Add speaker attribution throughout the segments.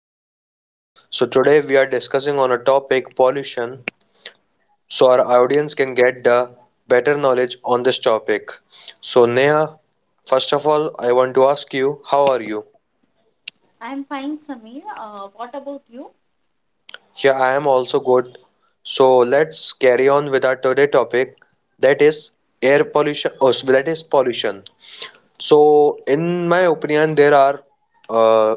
Speaker 1: podcast. So today we are discussing on a topic pollution, so our audience can get the better knowledge on this topic. So Neha, first of all I want to ask you how are you?
Speaker 2: I'm fine, Samir. What about you?
Speaker 1: Yeah, I am also good. So let's carry on with our today topic, that is air pollution or that is pollution. So in my opinion there are uh,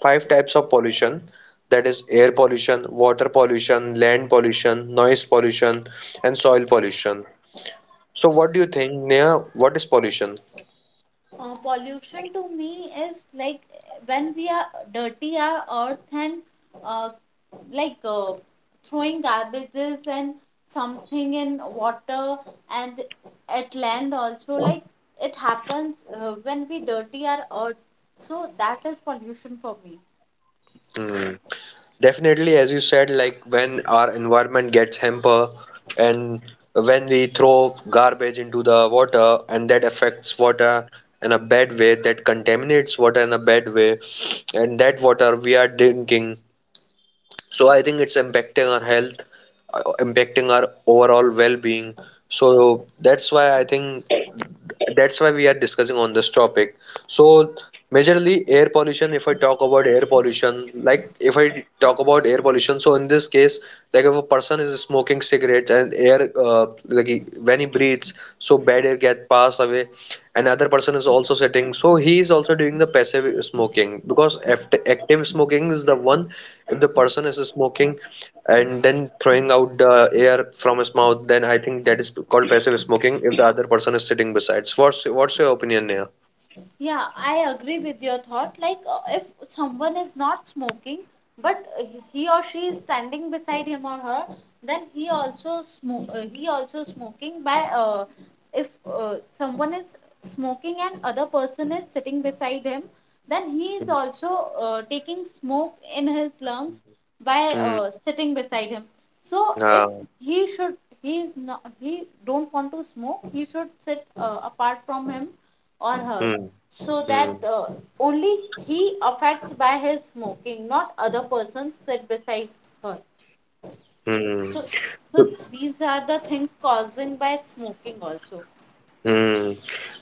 Speaker 1: five types of pollution, that is air pollution, water pollution, land pollution, noise pollution, and soil pollution. So what do you think, Neha? What is pollution?
Speaker 2: Pollution to me is like when we are dirty our earth and uh, like uh, throwing garbages and something in water and at land also like it happens when we dirty our earth. So that is pollution for me.
Speaker 1: Hmm. Definitely, as you said, like when our environment gets hamper, and when we throw garbage into the water and that affects water in a bad way, that contaminates water in a bad way, and that water we are drinking, so I think it's impacting our health, impacting our overall well-being. So that's why I think, that's why we are discussing on this topic. So majorly air pollution, if I talk about air pollution like if I talk about air pollution, so in this case, like if a person is smoking cigarettes and air, like when he breathes, so bad air gets passed away. Another person is also sitting, so he is also doing the passive smoking, because active smoking is the one, if the person is smoking and then throwing out the air from his mouth, then I think that is called passive smoking if the other person is sitting besides. What's your opinion here?
Speaker 2: Yeah, I agree with your thought. If someone is not smoking, but uh, he or she is standing beside him or her, then he also smoke. He also smoking by. If someone is smoking and other person is sitting beside him, then he is also taking smoke in his lungs by
Speaker 1: Hmm.
Speaker 2: sitting beside him. So if
Speaker 1: Ah.
Speaker 2: he should, he is not. He don't want to smoke. He should sit apart from him or her
Speaker 1: Hmm.
Speaker 2: so that
Speaker 1: Hmm.
Speaker 2: only he affects by his smoking not other persons sit beside her.
Speaker 1: Hmm.
Speaker 2: So so these are the things causing by smoking also.
Speaker 1: Hmm.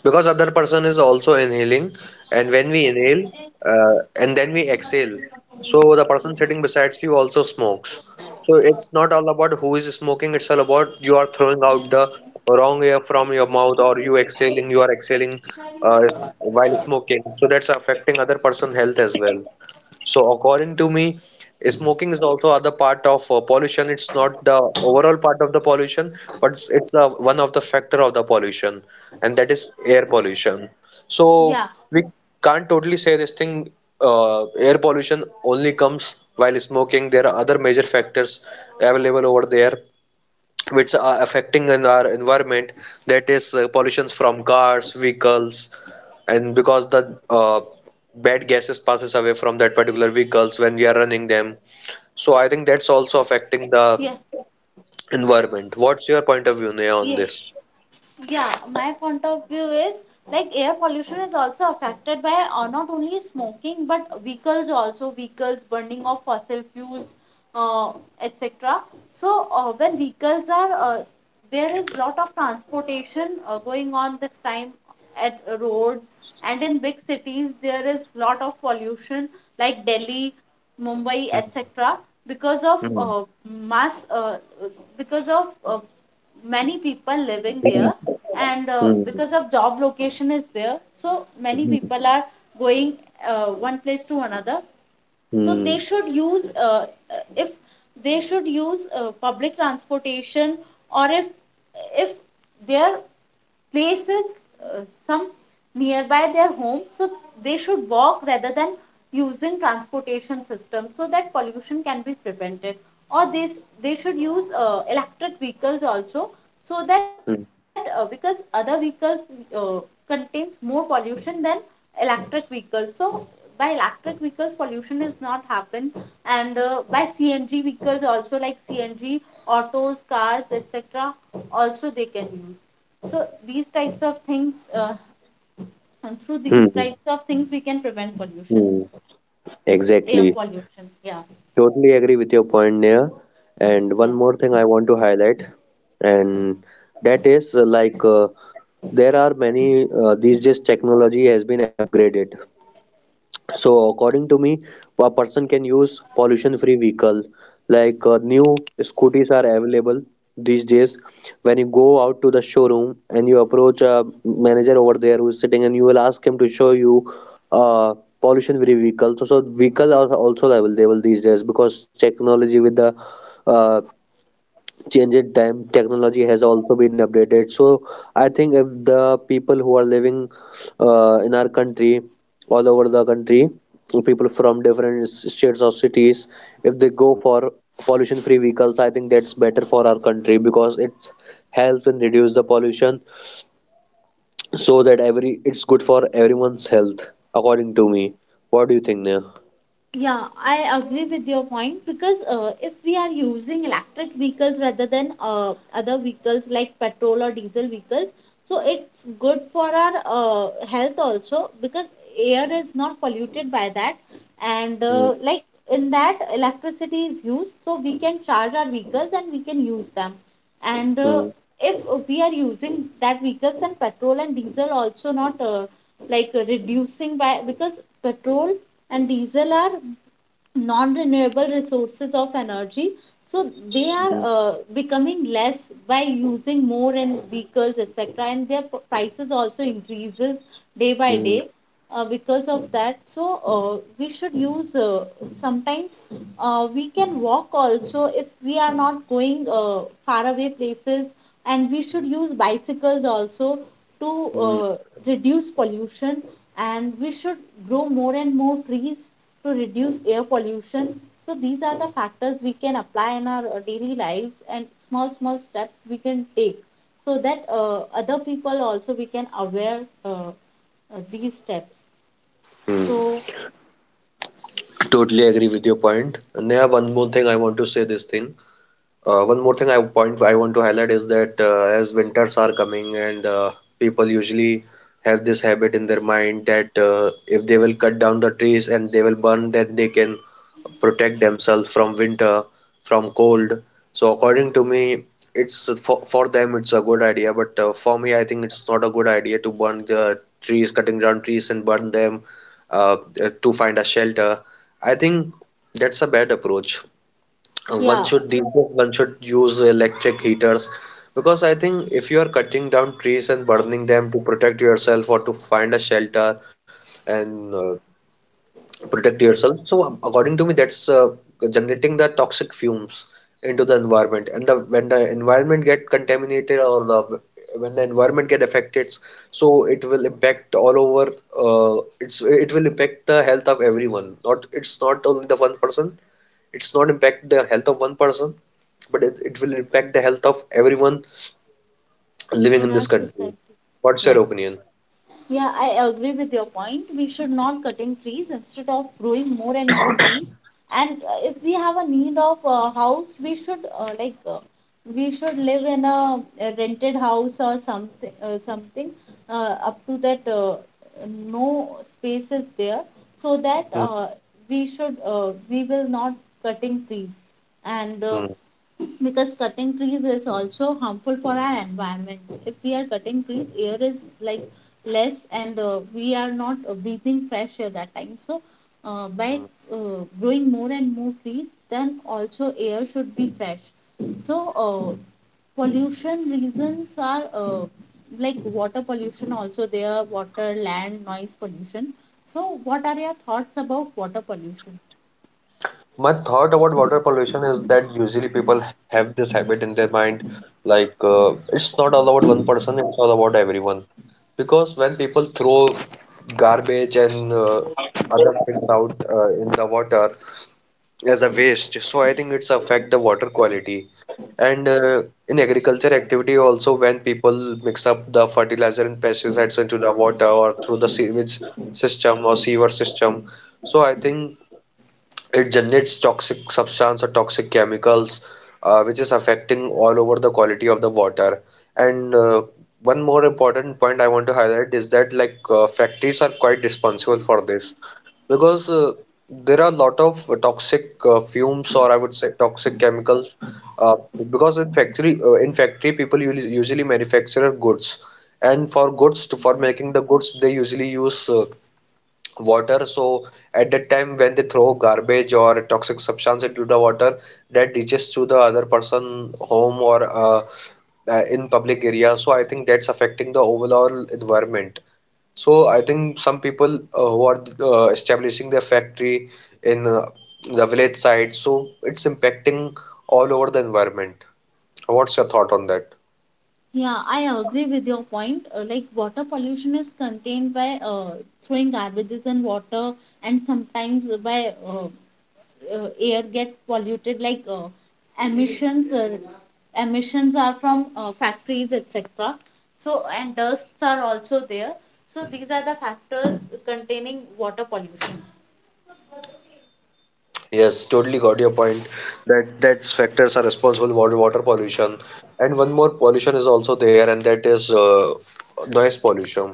Speaker 1: Because other person is also inhaling, and when we inhale, and then we exhale, so the person sitting besides you also smokes. So it's not all about who is smoking, it's all about you are throwing out the wrong air from your mouth or you exhaling, you are exhaling uh, while smoking. So that's affecting other person health as well. So according to me, smoking is also other part of pollution. It's not the overall part of the pollution, but it's one of the factor of the pollution, and that is air pollution. So
Speaker 2: Yeah
Speaker 1: we can't totally say this thing. Air pollution only comes while smoking. There are other major factors available over there which are affecting in our environment. That is pollutions from cars, vehicles, and because the bad gases passes away from that particular vehicles when we are running them, so I think that's also
Speaker 2: yeah.
Speaker 1: affecting the environment. What's your point of view, Neha,
Speaker 2: Yeah.
Speaker 1: on this?
Speaker 2: Yeah, my point of view is like air pollution is also affected by not only smoking but vehicles also, vehicles, burning of fossil fuels, uh, etc. So when vehicles are there is lot of transportation going on this time at roads, and in big cities there is lot of pollution, like Delhi, Mumbai, etc. Because of
Speaker 1: Hmm,
Speaker 2: mass, because of uh, many people living there, and
Speaker 1: hmm,
Speaker 2: because of job location is there, so many people are going one place to another. So they
Speaker 1: hmm,
Speaker 2: should use, if they should use public transportation, or if their place is uh, some nearby their home, so they should walk rather than using transportation system so that pollution can be prevented. Or they, they should use electric vehicles also, so that because other vehicles uh, contains more pollution than electric vehicles. So by electric vehicles, pollution is not happen, and by CNG vehicles also, like CNG autos, cars, etc. Also they can use. So these types of things, and through these
Speaker 1: hmm,
Speaker 2: types of things, we can prevent pollution,
Speaker 1: hmm.
Speaker 2: air
Speaker 1: Exactly.
Speaker 2: pollution. Yeah.
Speaker 1: Totally agree with your point, Neha. And one
Speaker 2: Yeah.
Speaker 1: more thing I want to highlight, and that is there are many these days technology has been upgraded. So according to me, a person can use pollution-free vehicle. Like, new scooters are available these days. When you go out to the showroom and you approach a manager over there who is sitting, and you will ask him to show you uh, pollution-free vehicle. So vehicle are also available these days because technology with the uh, changed time, technology has also been updated. So I think if the people who are living in our country, all over the country, people from different states or cities, if they go for pollution free vehicles, I think that's better for our country because it helps and reduce the pollution, so that every it's good for everyone's health, according to me. What do you think, Neha?
Speaker 2: Yeah, I agree with your point, because if we are using electric vehicles rather than other vehicles like petrol or diesel vehicles, so it's good for our health also, because air is not polluted by that. And uh,
Speaker 1: Hmm,
Speaker 2: like in that, electricity is used, so we can charge our vehicles and we can use them. And
Speaker 1: hmm,
Speaker 2: if we are using that vehicles, and petrol and diesel also not reducing by, because petrol and diesel are non-renewable resources of energy, so they are
Speaker 1: hmm,
Speaker 2: becoming less by using more in vehicles etc, and their prices also increases day by
Speaker 1: hmm,
Speaker 2: day, because of that. So uh, we should use, sometimes we can walk also if we are not going far away places, and we should use bicycles also to
Speaker 1: hmm.
Speaker 2: reduce pollution, and we should grow more and more trees to reduce air pollution. So these are the factors we can apply in our daily lives, and small small steps we can take so that other people also we can aware these steps.
Speaker 1: Hmm.
Speaker 2: So
Speaker 1: Totally agree with your point. And yeah, one more thing I want to say this thing. One more thing I point I want to highlight is that as winters are coming and people usually have this habit in their mind that if they will cut down the trees and they will burn, then they can protect themselves from winter, from cold. So according to me, it's for them it's a good idea, but for me I think it's not a good idea to burn the trees, cutting down trees and burn them uh, to find a shelter. I think that's a bad approach. One
Speaker 2: yeah,
Speaker 1: should these days one should use electric heaters because I think if you are cutting down trees and burning them to protect yourself or to find a shelter, and protect yourself, so according to me, that's generating the toxic fumes into the environment. And the when the environment get contaminated or the when the environment get affected, so it will impact all over. It will impact the health of everyone. Not it's not only the one person It's not impact the health of one person, but it will impact the health of everyone living
Speaker 2: in
Speaker 1: in this
Speaker 2: our
Speaker 1: country.
Speaker 2: society,
Speaker 1: What's
Speaker 2: yeah.
Speaker 1: your opinion?
Speaker 2: Yeah, I agree with your point. We should not cutting trees, instead of growing more and more trees. And if we have a need of a house, we should we should live in a rented house or something, something up to that no space is there, so that
Speaker 1: Hmm,
Speaker 2: we should, we will not cutting trees, and
Speaker 1: hmm,
Speaker 2: because cutting trees is also harmful for our environment. If we are cutting trees, air is like less, and we are not breathing fresh air that time. So by
Speaker 1: hmm.
Speaker 2: growing more and more trees, then also air should be fresh. So, pollution reasons are like water pollution, also there, water, land, noise pollution. So, what are your thoughts about water pollution?
Speaker 1: My thought about water pollution is that usually people have this habit in their mind, like, it's not all about one person, it's all about everyone. Because when people throw garbage and other things out in the water, as a waste. So I think it's affect the water quality. And in agriculture activity also, when people mix up the fertilizer and pesticides into the water or through the sewage system or sewer system. So I think it generates toxic substance or toxic chemicals which is affecting all over the quality of the water. And one more important point I want to highlight is that like, factories are quite responsible for this, because there are a lot of toxic fumes, or I would say toxic chemicals, uh, because in factory people usually manufacture goods, and for making the goods they usually use water. So at that time when they throw garbage or toxic substance into the water, that reaches to the other person home or in public area, so I think that's affecting the overall environment. So I think some people who are establishing their factory in the village side, so it's impacting all over the environment. What's your thought on that?
Speaker 2: Yeah, I agree with your point. Like water pollution is contained by throwing garbages and water, and sometimes by air get polluted. Emissions, uh, emissions are from factories, etc. So and dusts are also there. So these are the factors containing water pollution.
Speaker 1: Yes, totally got your point that factors are responsible for water pollution. And one more pollution is also there, and that is noise pollution.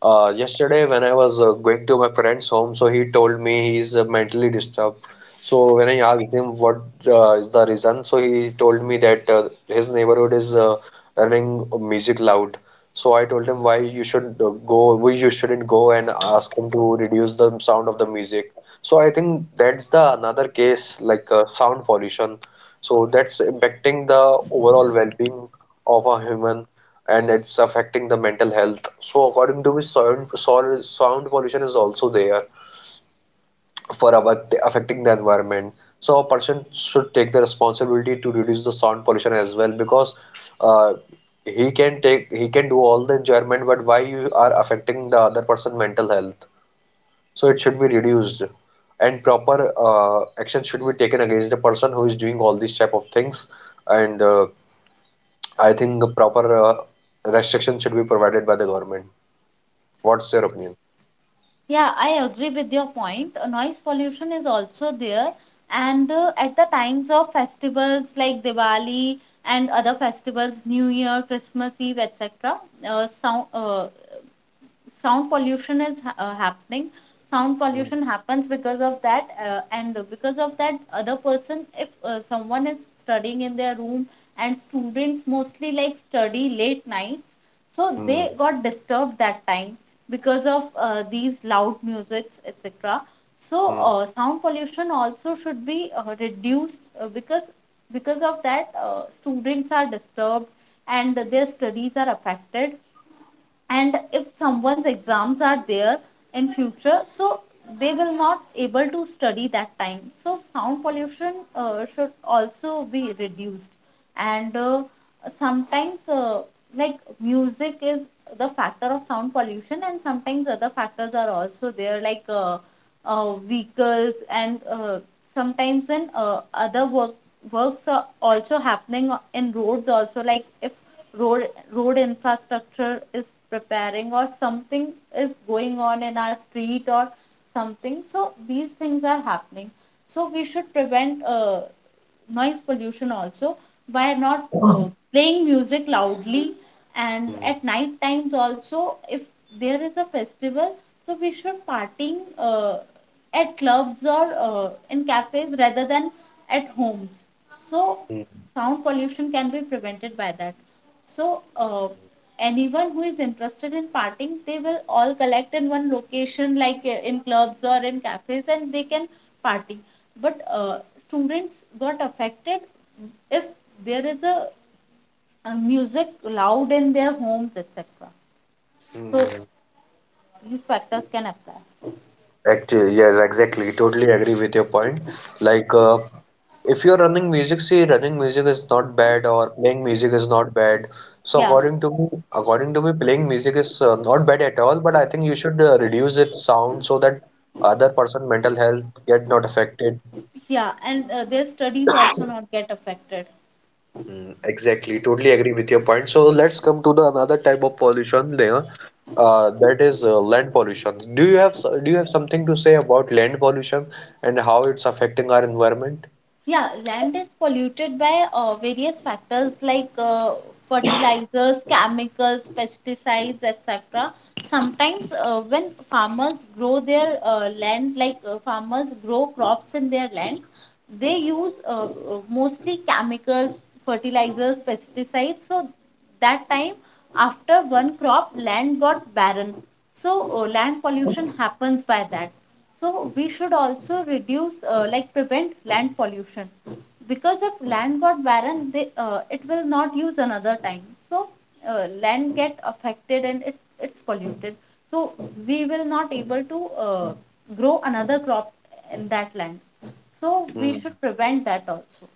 Speaker 1: Yesterday, when I was going to my friend's home, so he told me he's mentally disturbed. So when I asked him what is the reason, so he told me that his neighborhood is running music loud. So I told him why you should why you shouldn't go and ask him to reduce the sound of the music. So I think that's the another case, like, sound pollution. So that's impacting the overall well-being of a human and it's affecting the mental health. So according to me, sound pollution is also there for affecting the environment. So a person should take the responsibility to reduce the sound pollution as well, because uh, he can do all the enjoyment, but why you are affecting the other person mental health? So it should be reduced, and proper action should be taken against the person who is doing all these type of things. And I think the proper restriction should be provided by the government. What's your opinion?
Speaker 2: Yeah, I agree with your point. Noise pollution is also there, and at the times of festivals like Diwali and other festivals, New Year, Christmas Eve, etc., uh, sound, uh, sound pollution is happening. Sound
Speaker 1: Hmm,
Speaker 2: pollution happens because of that. And because of that, other person, if someone is studying in their room, and students mostly like study late nights, so they
Speaker 1: hmm,
Speaker 2: got disturbed that time because of these loud musics etc. So
Speaker 1: hmm,
Speaker 2: sound pollution also should be reduced, because of that students are disturbed and their studies are affected. And if someone's exams are there in future, so they will not able to study that time. So sound pollution should also be reduced. And sometimes like music is the factor of sound pollution, and sometimes other factors are also there like vehicles and sometimes in other work works are also happening in roads also. Like if road road infrastructure is preparing or something is going on in our street or something, so these things are happening. So we should prevent noise pollution also, by not playing music loudly. And
Speaker 1: hmm,
Speaker 2: at night times also, if there is a festival, so we should partying at clubs or in cafes rather than at homes. So sound pollution can be prevented by that. So, anyone who is interested in partying, they will all collect in one location, like in clubs or in cafes, and they can party. But students got affected if there is a music loud in their homes, etc. So,
Speaker 1: hmm.
Speaker 2: these factors can apply.
Speaker 1: Actually, yes, exactly. Totally agree with your point. Like, if you're running music, see, running music is not bad, or playing music is not bad. So,
Speaker 2: Yeah,
Speaker 1: according to me, playing music is not bad at all. But I think you should reduce its sound so that other person mental health get not affected.
Speaker 2: yeah, and their studies also not get affected.
Speaker 1: Mm. Exactly, totally agree with your point. So let's come to the another type of pollution there, that is land pollution. Do you have do you have something to say about land pollution and how it's affecting our environment?
Speaker 2: Yeah, land is polluted by various factors like fertilizers, chemicals, pesticides, etc. Sometimes, when farmers grow their land, farmers grow crops in their land, they use mostly chemicals, fertilizers, pesticides. So, that time, after one crop, land got barren. So, land pollution happens by that. So we should also reduce, like prevent land pollution, because if land got barren, they, it will not use another time. So land get affected and it's polluted. So we will not able to grow another crop in that land. So
Speaker 1: Hmm.
Speaker 2: we should prevent that also.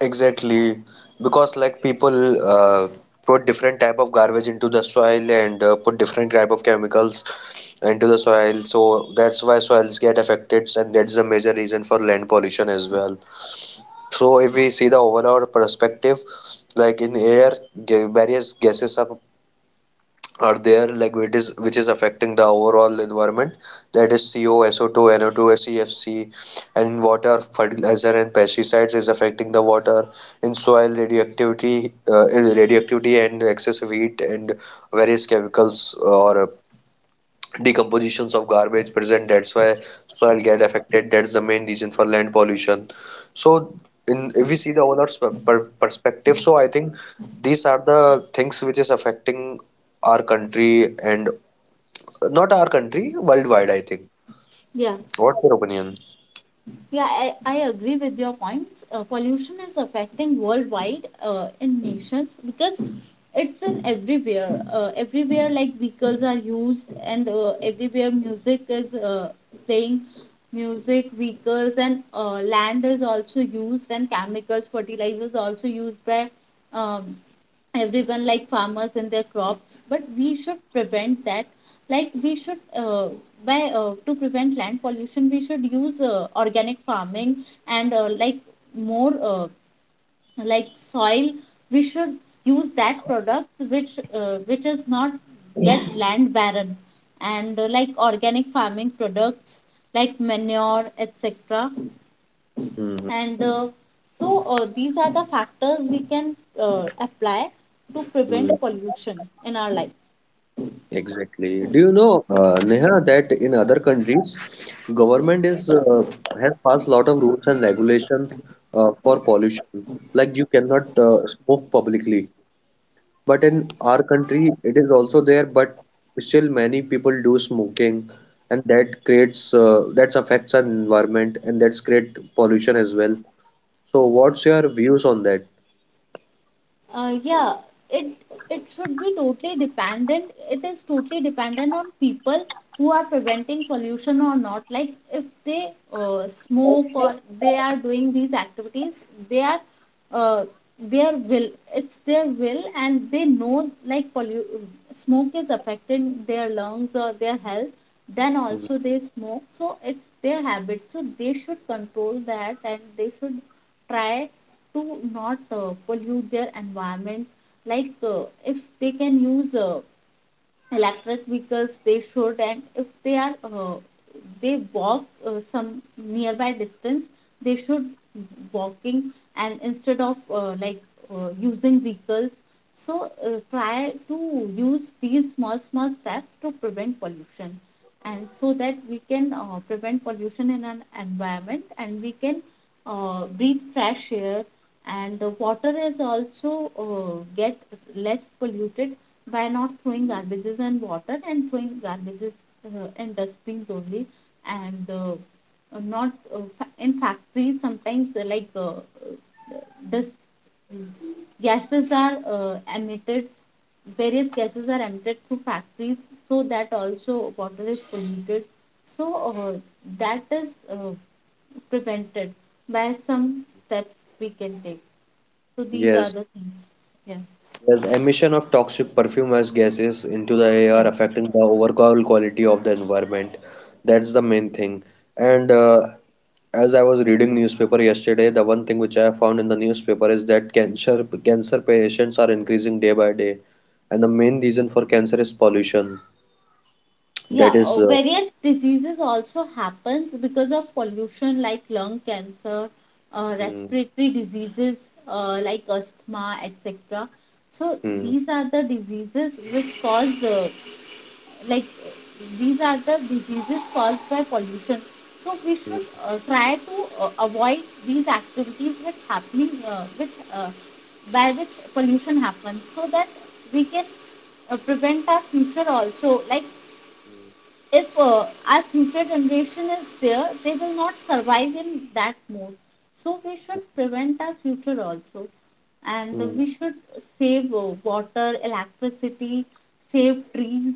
Speaker 1: Exactly, because like people uh, put different type of garbage into the soil and put different type of chemicals into the soil, so that's why soils get affected, and that's the major reason for land pollution as well. So if we see the overall perspective, like in air, various gases are there, like which is affecting the overall environment. That is CO, SO2, NO2, CFC, and in water, fertilizer and pesticides is affecting the water. In soil, radioactivity, radioactivity and excessive heat and various chemicals or decompositions of garbage present, that's why soil get affected, that's the main reason for land pollution. So in if we see the owner's perspective, so I think these are the things which is affecting our country and not our country, worldwide I think.
Speaker 2: Yeah.
Speaker 1: What's your opinion?
Speaker 2: Yeah, I agree with your points. Pollution is affecting worldwide in nations, because it's in everywhere. Everywhere, like vehicles are used, and everywhere music is playing. Music, vehicles, and land is also used, and chemicals, fertilizers also used by um, everyone like farmers and their crops. But we should prevent that. Like we should, by to prevent land pollution, we should use organic farming, and more like soil, we should use that product which is not get land barren, and like organic farming products like manure etc,
Speaker 1: Hmm.
Speaker 2: and so these are the factors we can apply to
Speaker 1: Hmm.
Speaker 2: prevent pollution in our lives.
Speaker 1: Exactly. Do you know, Neha, that in other countries, government is has passed lot of rules and regulation for pollution. Like you cannot smoke publicly. But in our country, it is also there. But still, many people do smoking, and that affects our environment, and that's create pollution as well. So, what's your views on that?
Speaker 2: Yeah, it it should be totally dependent. It is totally dependent on people who are preventing pollution or not. Like if they smoke or they are doing these activities, they are uh, their will. It's their will, and they know like smoke is affecting their lungs or their health. Then
Speaker 1: Mm,
Speaker 2: also they smoke, so it's their habit. So they should control that, and they should try to not pollute their environment. If they can use electric vehicles, they should. And if they are they walk some nearby distance, they should walking, and instead of using vehicles. So try to use these small small steps to prevent pollution, and so that we can prevent pollution in an environment, and we can breathe fresh air, and the water is also get less polluted, by not throwing garbages and water, and throwing garbages and dustbins only. And not in factories sometimes dust gases are emitted, various gases are emitted through factories, so that also water is polluted. So uh, that is prevented by some steps we can take. So these are
Speaker 1: yes.
Speaker 2: the things. Yeah.
Speaker 1: Yes, emission of toxic perfumous gases into the air
Speaker 2: Yeah.
Speaker 1: affecting the overall quality of the environment. That's the main thing. And as I was reading newspaper yesterday, the one thing which I found in the newspaper is that cancer patients are increasing day by day, and the main reason for cancer is pollution.
Speaker 2: Yeah,
Speaker 1: That is,
Speaker 2: various diseases also happens because of pollution, like lung cancer,
Speaker 1: hmm,
Speaker 2: respiratory diseases, like asthma, etc. So
Speaker 1: hmm,
Speaker 2: these are the diseases which cause the, these are the diseases caused by pollution. So we should
Speaker 1: hmm,
Speaker 2: try to avoid these activities which happening which by which pollution happens so that we can prevent our future also, like if our future generation is there, they will not survive in that mode. So we should prevent our future also, and
Speaker 1: hmm,
Speaker 2: we should save water, electricity, save trees,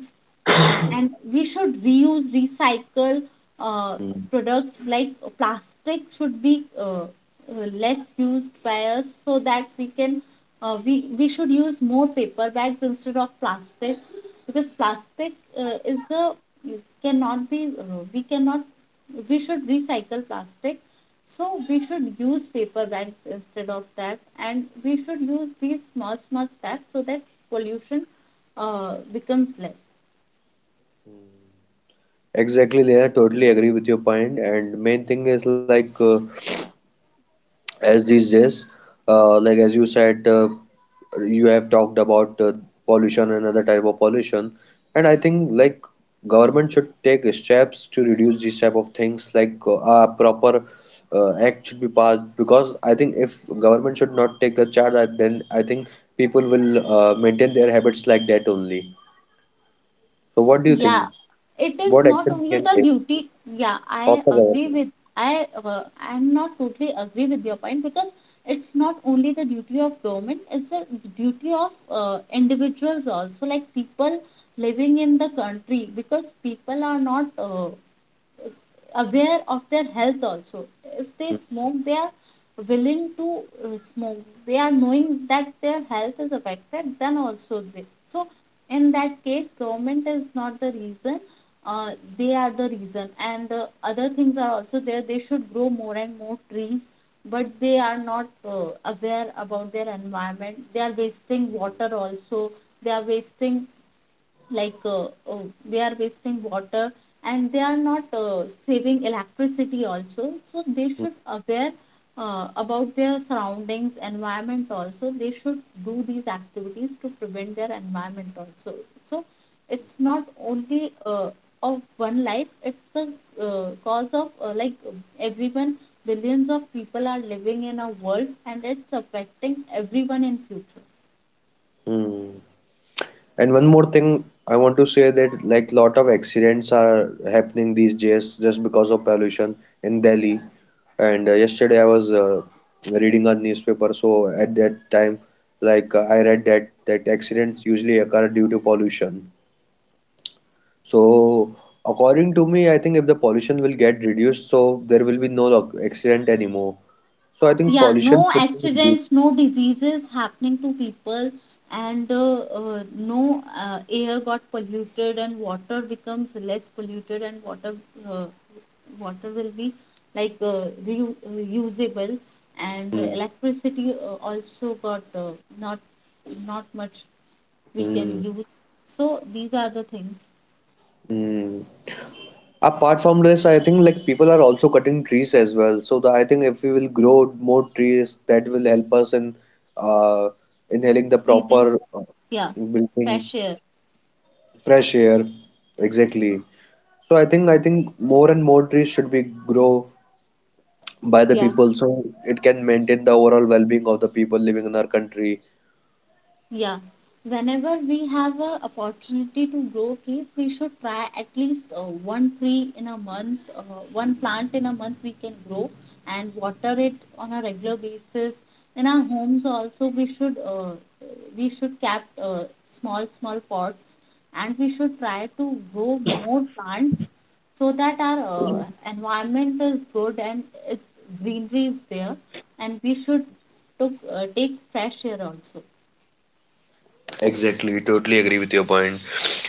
Speaker 2: and we should reuse, recycle, uh,
Speaker 1: hmm.
Speaker 2: products like plastic should be less used by us so that we can we should use more paper bags instead of plastics because plastic is a cannot be we cannot we should recycle plastic. So we should use paper bags instead of that, and we should use these small small steps so that pollution becomes less.
Speaker 1: Exactly, Leah. Totally agree with your point. And main thing is like. As these days like as you said you have talked about pollution and other type of pollution, and I think like government should take steps to reduce these type of things like a proper act should be passed, because I think if government should not take the charge then I think people will maintain their habits like that only. So what do you
Speaker 2: Yeah,
Speaker 1: think
Speaker 2: it is
Speaker 1: what
Speaker 2: not
Speaker 1: action we
Speaker 2: only
Speaker 1: can
Speaker 2: the
Speaker 1: take
Speaker 2: duty. Yeah,
Speaker 1: of
Speaker 2: I
Speaker 1: the
Speaker 2: agree
Speaker 1: government?
Speaker 2: with. i uh, I'm not totally agree with your point because it's not only the duty of government, it's the duty of individuals also, like people living in the country, because people are not aware of their health also. If they smoke, they are willing to smoke, they are knowing that their health is affected, then also they. So in that case government is not the reason, uh, they are the reason. And other things are also there, they should grow more and more trees, but they are not aware about their environment, they are wasting water also, they are wasting, like uh, uh, they are wasting water, and they are not saving electricity also, so they should aware about their surroundings environment also, they should do these activities to prevent their environment also. So it's not only of one life, it's the cause of like everyone, billions of people are living in a world and it's affecting everyone in future.
Speaker 1: Hmm. And one more thing I want to say that like lot of accidents are happening these days just because of pollution in Delhi. And yesterday I was reading a newspaper, so at that time, I read that accidents usually occur due to pollution. So according to me, I think if the pollution will get reduced, so there will be no accident anymore. So I think
Speaker 2: Yeah, no
Speaker 1: pollution should be reduced.
Speaker 2: accidents, no diseases happening to people, and no air got polluted and water becomes less polluted. And water uh, water will be like reusable, and
Speaker 1: Hmm.
Speaker 2: electricity also got not, not much we can
Speaker 1: Hmm.
Speaker 2: use. So these are the things.
Speaker 1: Hmm. Apart from this, I think like people are also cutting trees as well. So the, I think if we will grow more trees, that will help us in uh, inhaling the
Speaker 2: Breathe in,
Speaker 1: proper
Speaker 2: yeah.
Speaker 1: breathing
Speaker 2: Fresh air.
Speaker 1: fresh air. Exactly. So I think more and more trees should be grow by the
Speaker 2: Yeah.
Speaker 1: people, so it can maintain the overall well-being of the people living in our country.
Speaker 2: Yeah, whenever we have a opportunity to grow trees, we should try at least one tree in a month, one plant in a month we can grow, and water it on a regular basis. In our homes also, we should cap small small pots, and we should try to grow more plants so that our environment is good and its greenery is there, and we should took, take fresh air also.
Speaker 1: Exactly, totally agree with your point.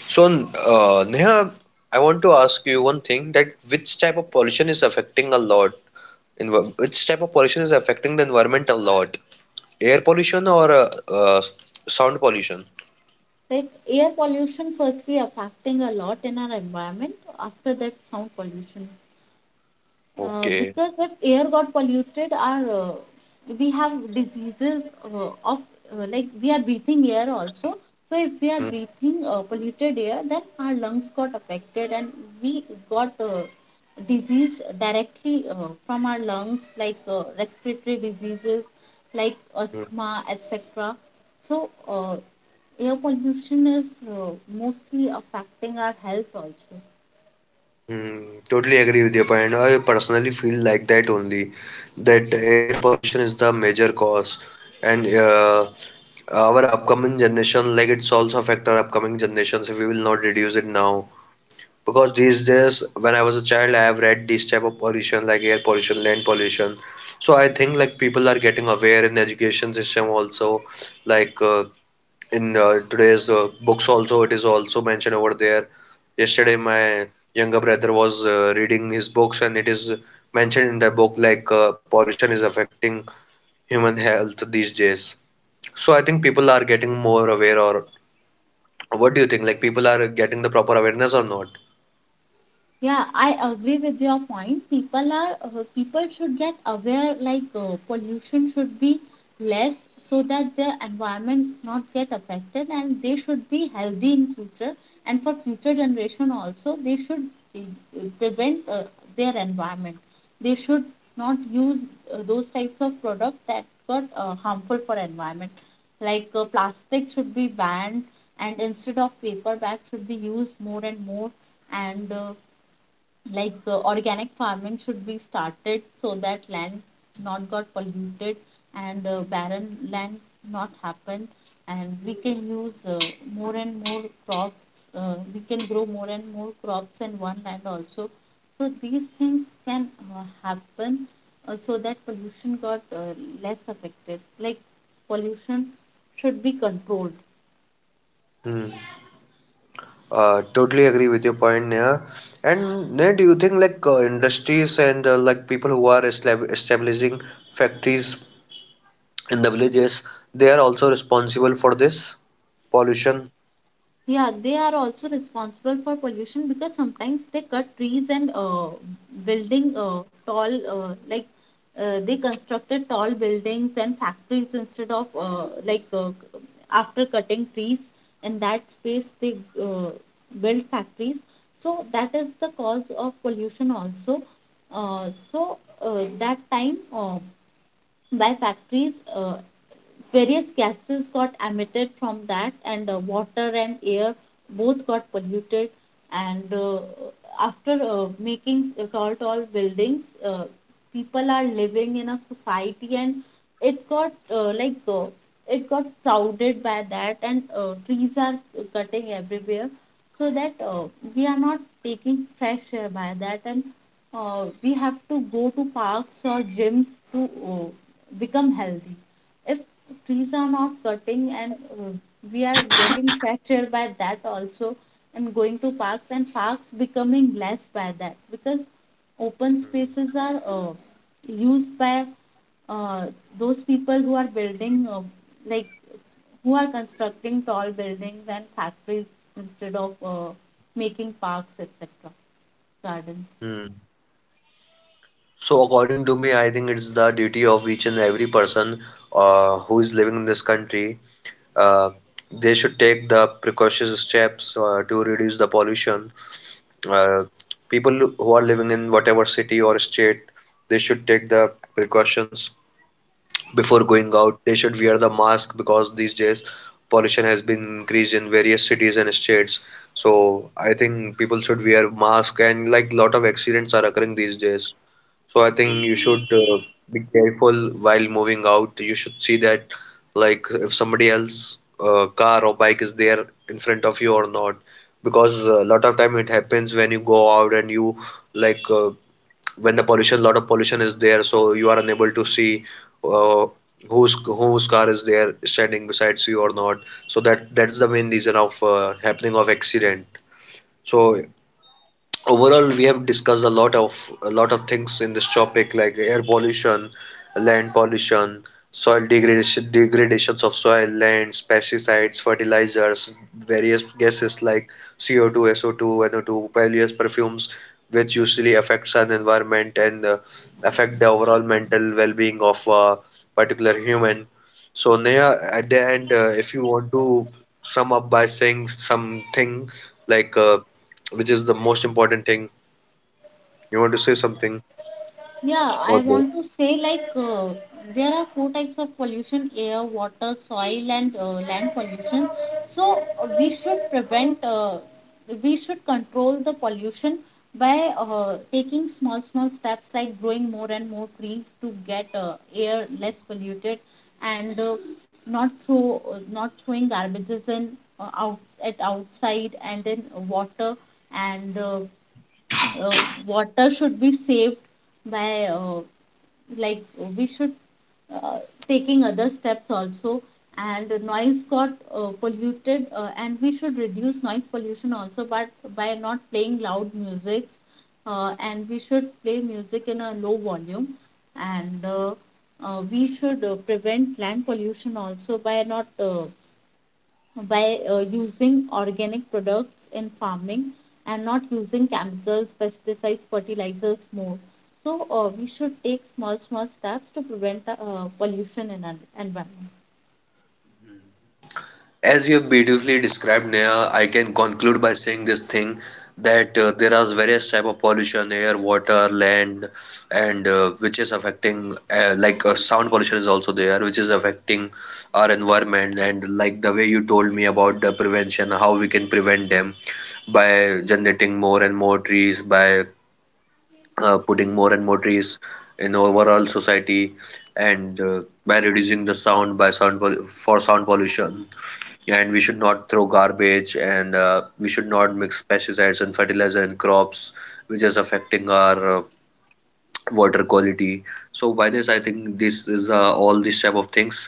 Speaker 1: So, Neha, I want to ask you one thing, that which type of pollution is affecting a lot? In which type of pollution is affecting the environment a lot? Air pollution or sound pollution?
Speaker 2: Like air pollution, firstly, affecting a lot in our environment, after that sound pollution.
Speaker 1: Okay.
Speaker 2: Because if air got polluted, our we have diseases of like we are breathing air also. So if we are
Speaker 1: Hmm,
Speaker 2: breathing polluted air, then our lungs got affected, and we got disease directly from our lungs, like respiratory diseases, like
Speaker 1: hmm,
Speaker 2: asthma, etc. So air pollution is mostly affecting our health also.
Speaker 1: hmm. Totally agree with your point. I personally feel like that only, that air pollution is the major cause, and our upcoming generation, like it's also affect our upcoming generations if we will not reduce it now. Because these days when I was a child I have read these type of pollution like air pollution, land pollution. So I think like people are getting aware in the education system also, like in today's books also, it is also mentioned over there. Yesterday my younger brother was reading his books, and it is mentioned in the book like pollution is affecting human health these days. So I think people are getting more aware, or what do you think, like people are getting the proper awareness or not?
Speaker 2: Yeah, I agree with your point. People should get aware, like pollution should be less so that the environment not get affected and they should be healthy in future, and for future generation also they should uh, prevent their environment. They should not use those types of products that got harmful for environment. Like plastic should be banned, and instead of paper bags should be used more and more. And organic farming should be started so that land not got polluted, and barren land not happen, and we can use more and more crops. We can grow more and more crops in one land also. So these things can happen so that pollution got less affected, like pollution should be controlled.
Speaker 1: Hmm. Totally agree with your point, Neha. And Neha, do you think like industries and like people who are establishing factories in the villages, they are also responsible for this pollution?
Speaker 2: Yeah, they are also responsible for pollution, because sometimes they cut trees and building tall, like they constructed tall buildings and factories instead of after cutting trees, in that space they build factories. So that is the cause of pollution also. So that time by factories various gases got emitted from that, and water and air both got polluted. And after making tall tall buildings, people are living in a society, and it got it got crowded by that, and trees are cutting everywhere, so that we are not taking fresh air by that. And we have to go to parks or gyms to become healthy if trees are not cutting, and we are getting pressured by that also, and going to parks, and parks becoming less by that, because open spaces are used by uh, those people who are building, like who are constructing tall buildings and factories instead of making parks, etc., gardens.
Speaker 1: Hmm. So according to me, I think it's the duty of each and every person who is living in this country. Uh, they should take the precautions steps to reduce the pollution. Uh, People who are living in whatever city or state, they should take the precautions. Before going out, they should wear the mask, because these days pollution has been increased in various cities and states. So I think people should wear mask, and like lot of accidents are occurring these days. So I think you should be careful while moving out. You should see that, like if somebody else car or bike is there in front of you or not, because a lot of time it happens when you go out, and you like uh, when the pollution lot of pollution is there, so you are unable to see uh, whose car is there standing besides you or not. So that's the main reason of happening of accident. So overall we have discussed a lot of things in this topic, like air pollution, land pollution, soil degradation, degradations of soil, lands, pesticides, fertilizers, various gases like CO2, SO2, NO2, various perfumes, which usually affects an environment, and affect the overall mental well-being of a particular human. So Neha, at the end, if you want to sum up by saying something, like which is the most important thing. You want to say something
Speaker 2: Yeah, I
Speaker 1: about this?
Speaker 2: want to say like there are four types of pollution: air, water, soil, and land pollution. So we should prevent, we should control the pollution by taking small, small steps like growing more and more trees to get air less polluted, and not throwing garbages in, out at outside and in water. And. Uh, Water should be saved by like we should, uh, taking other steps also. And noise got polluted, and we should reduce noise pollution also, but by not playing loud music, and we should play music in a low volume. And we should prevent land pollution also by not by using organic products in farming, and not using chemicals, pesticides, fertilizers more. So we should take small, small steps to prevent pollution in our environment.
Speaker 1: As you have beautifully described, Neha, I can conclude by saying this thing that there are various type of pollution, air, water, land, and which is affecting sound pollution is also there, which is affecting our environment. And like the way you told me about the prevention, how we can prevent them by generating more and more trees, by putting more and more trees in overall society, and by reducing the sound by for sound pollution, and we should not throw garbage, and we should not mix pesticides and fertilizer in crops, which is affecting our water quality. So by this I think this is all these type of things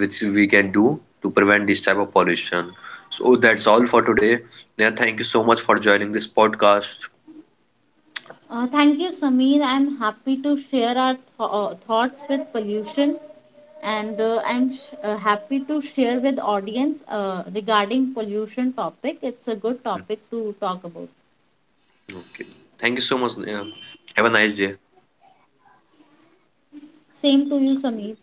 Speaker 1: which we can do to prevent this type of pollution. So that's all for today. Neha, thank you so much for joining this podcast.
Speaker 2: Thank you, Sameer. I'm happy to share our thoughts with pollution, and happy to share with audience regarding pollution topic. It's a good topic to talk about.
Speaker 1: Okay, thank you so much Neha. Have a nice day.
Speaker 2: Same to you, Sameer.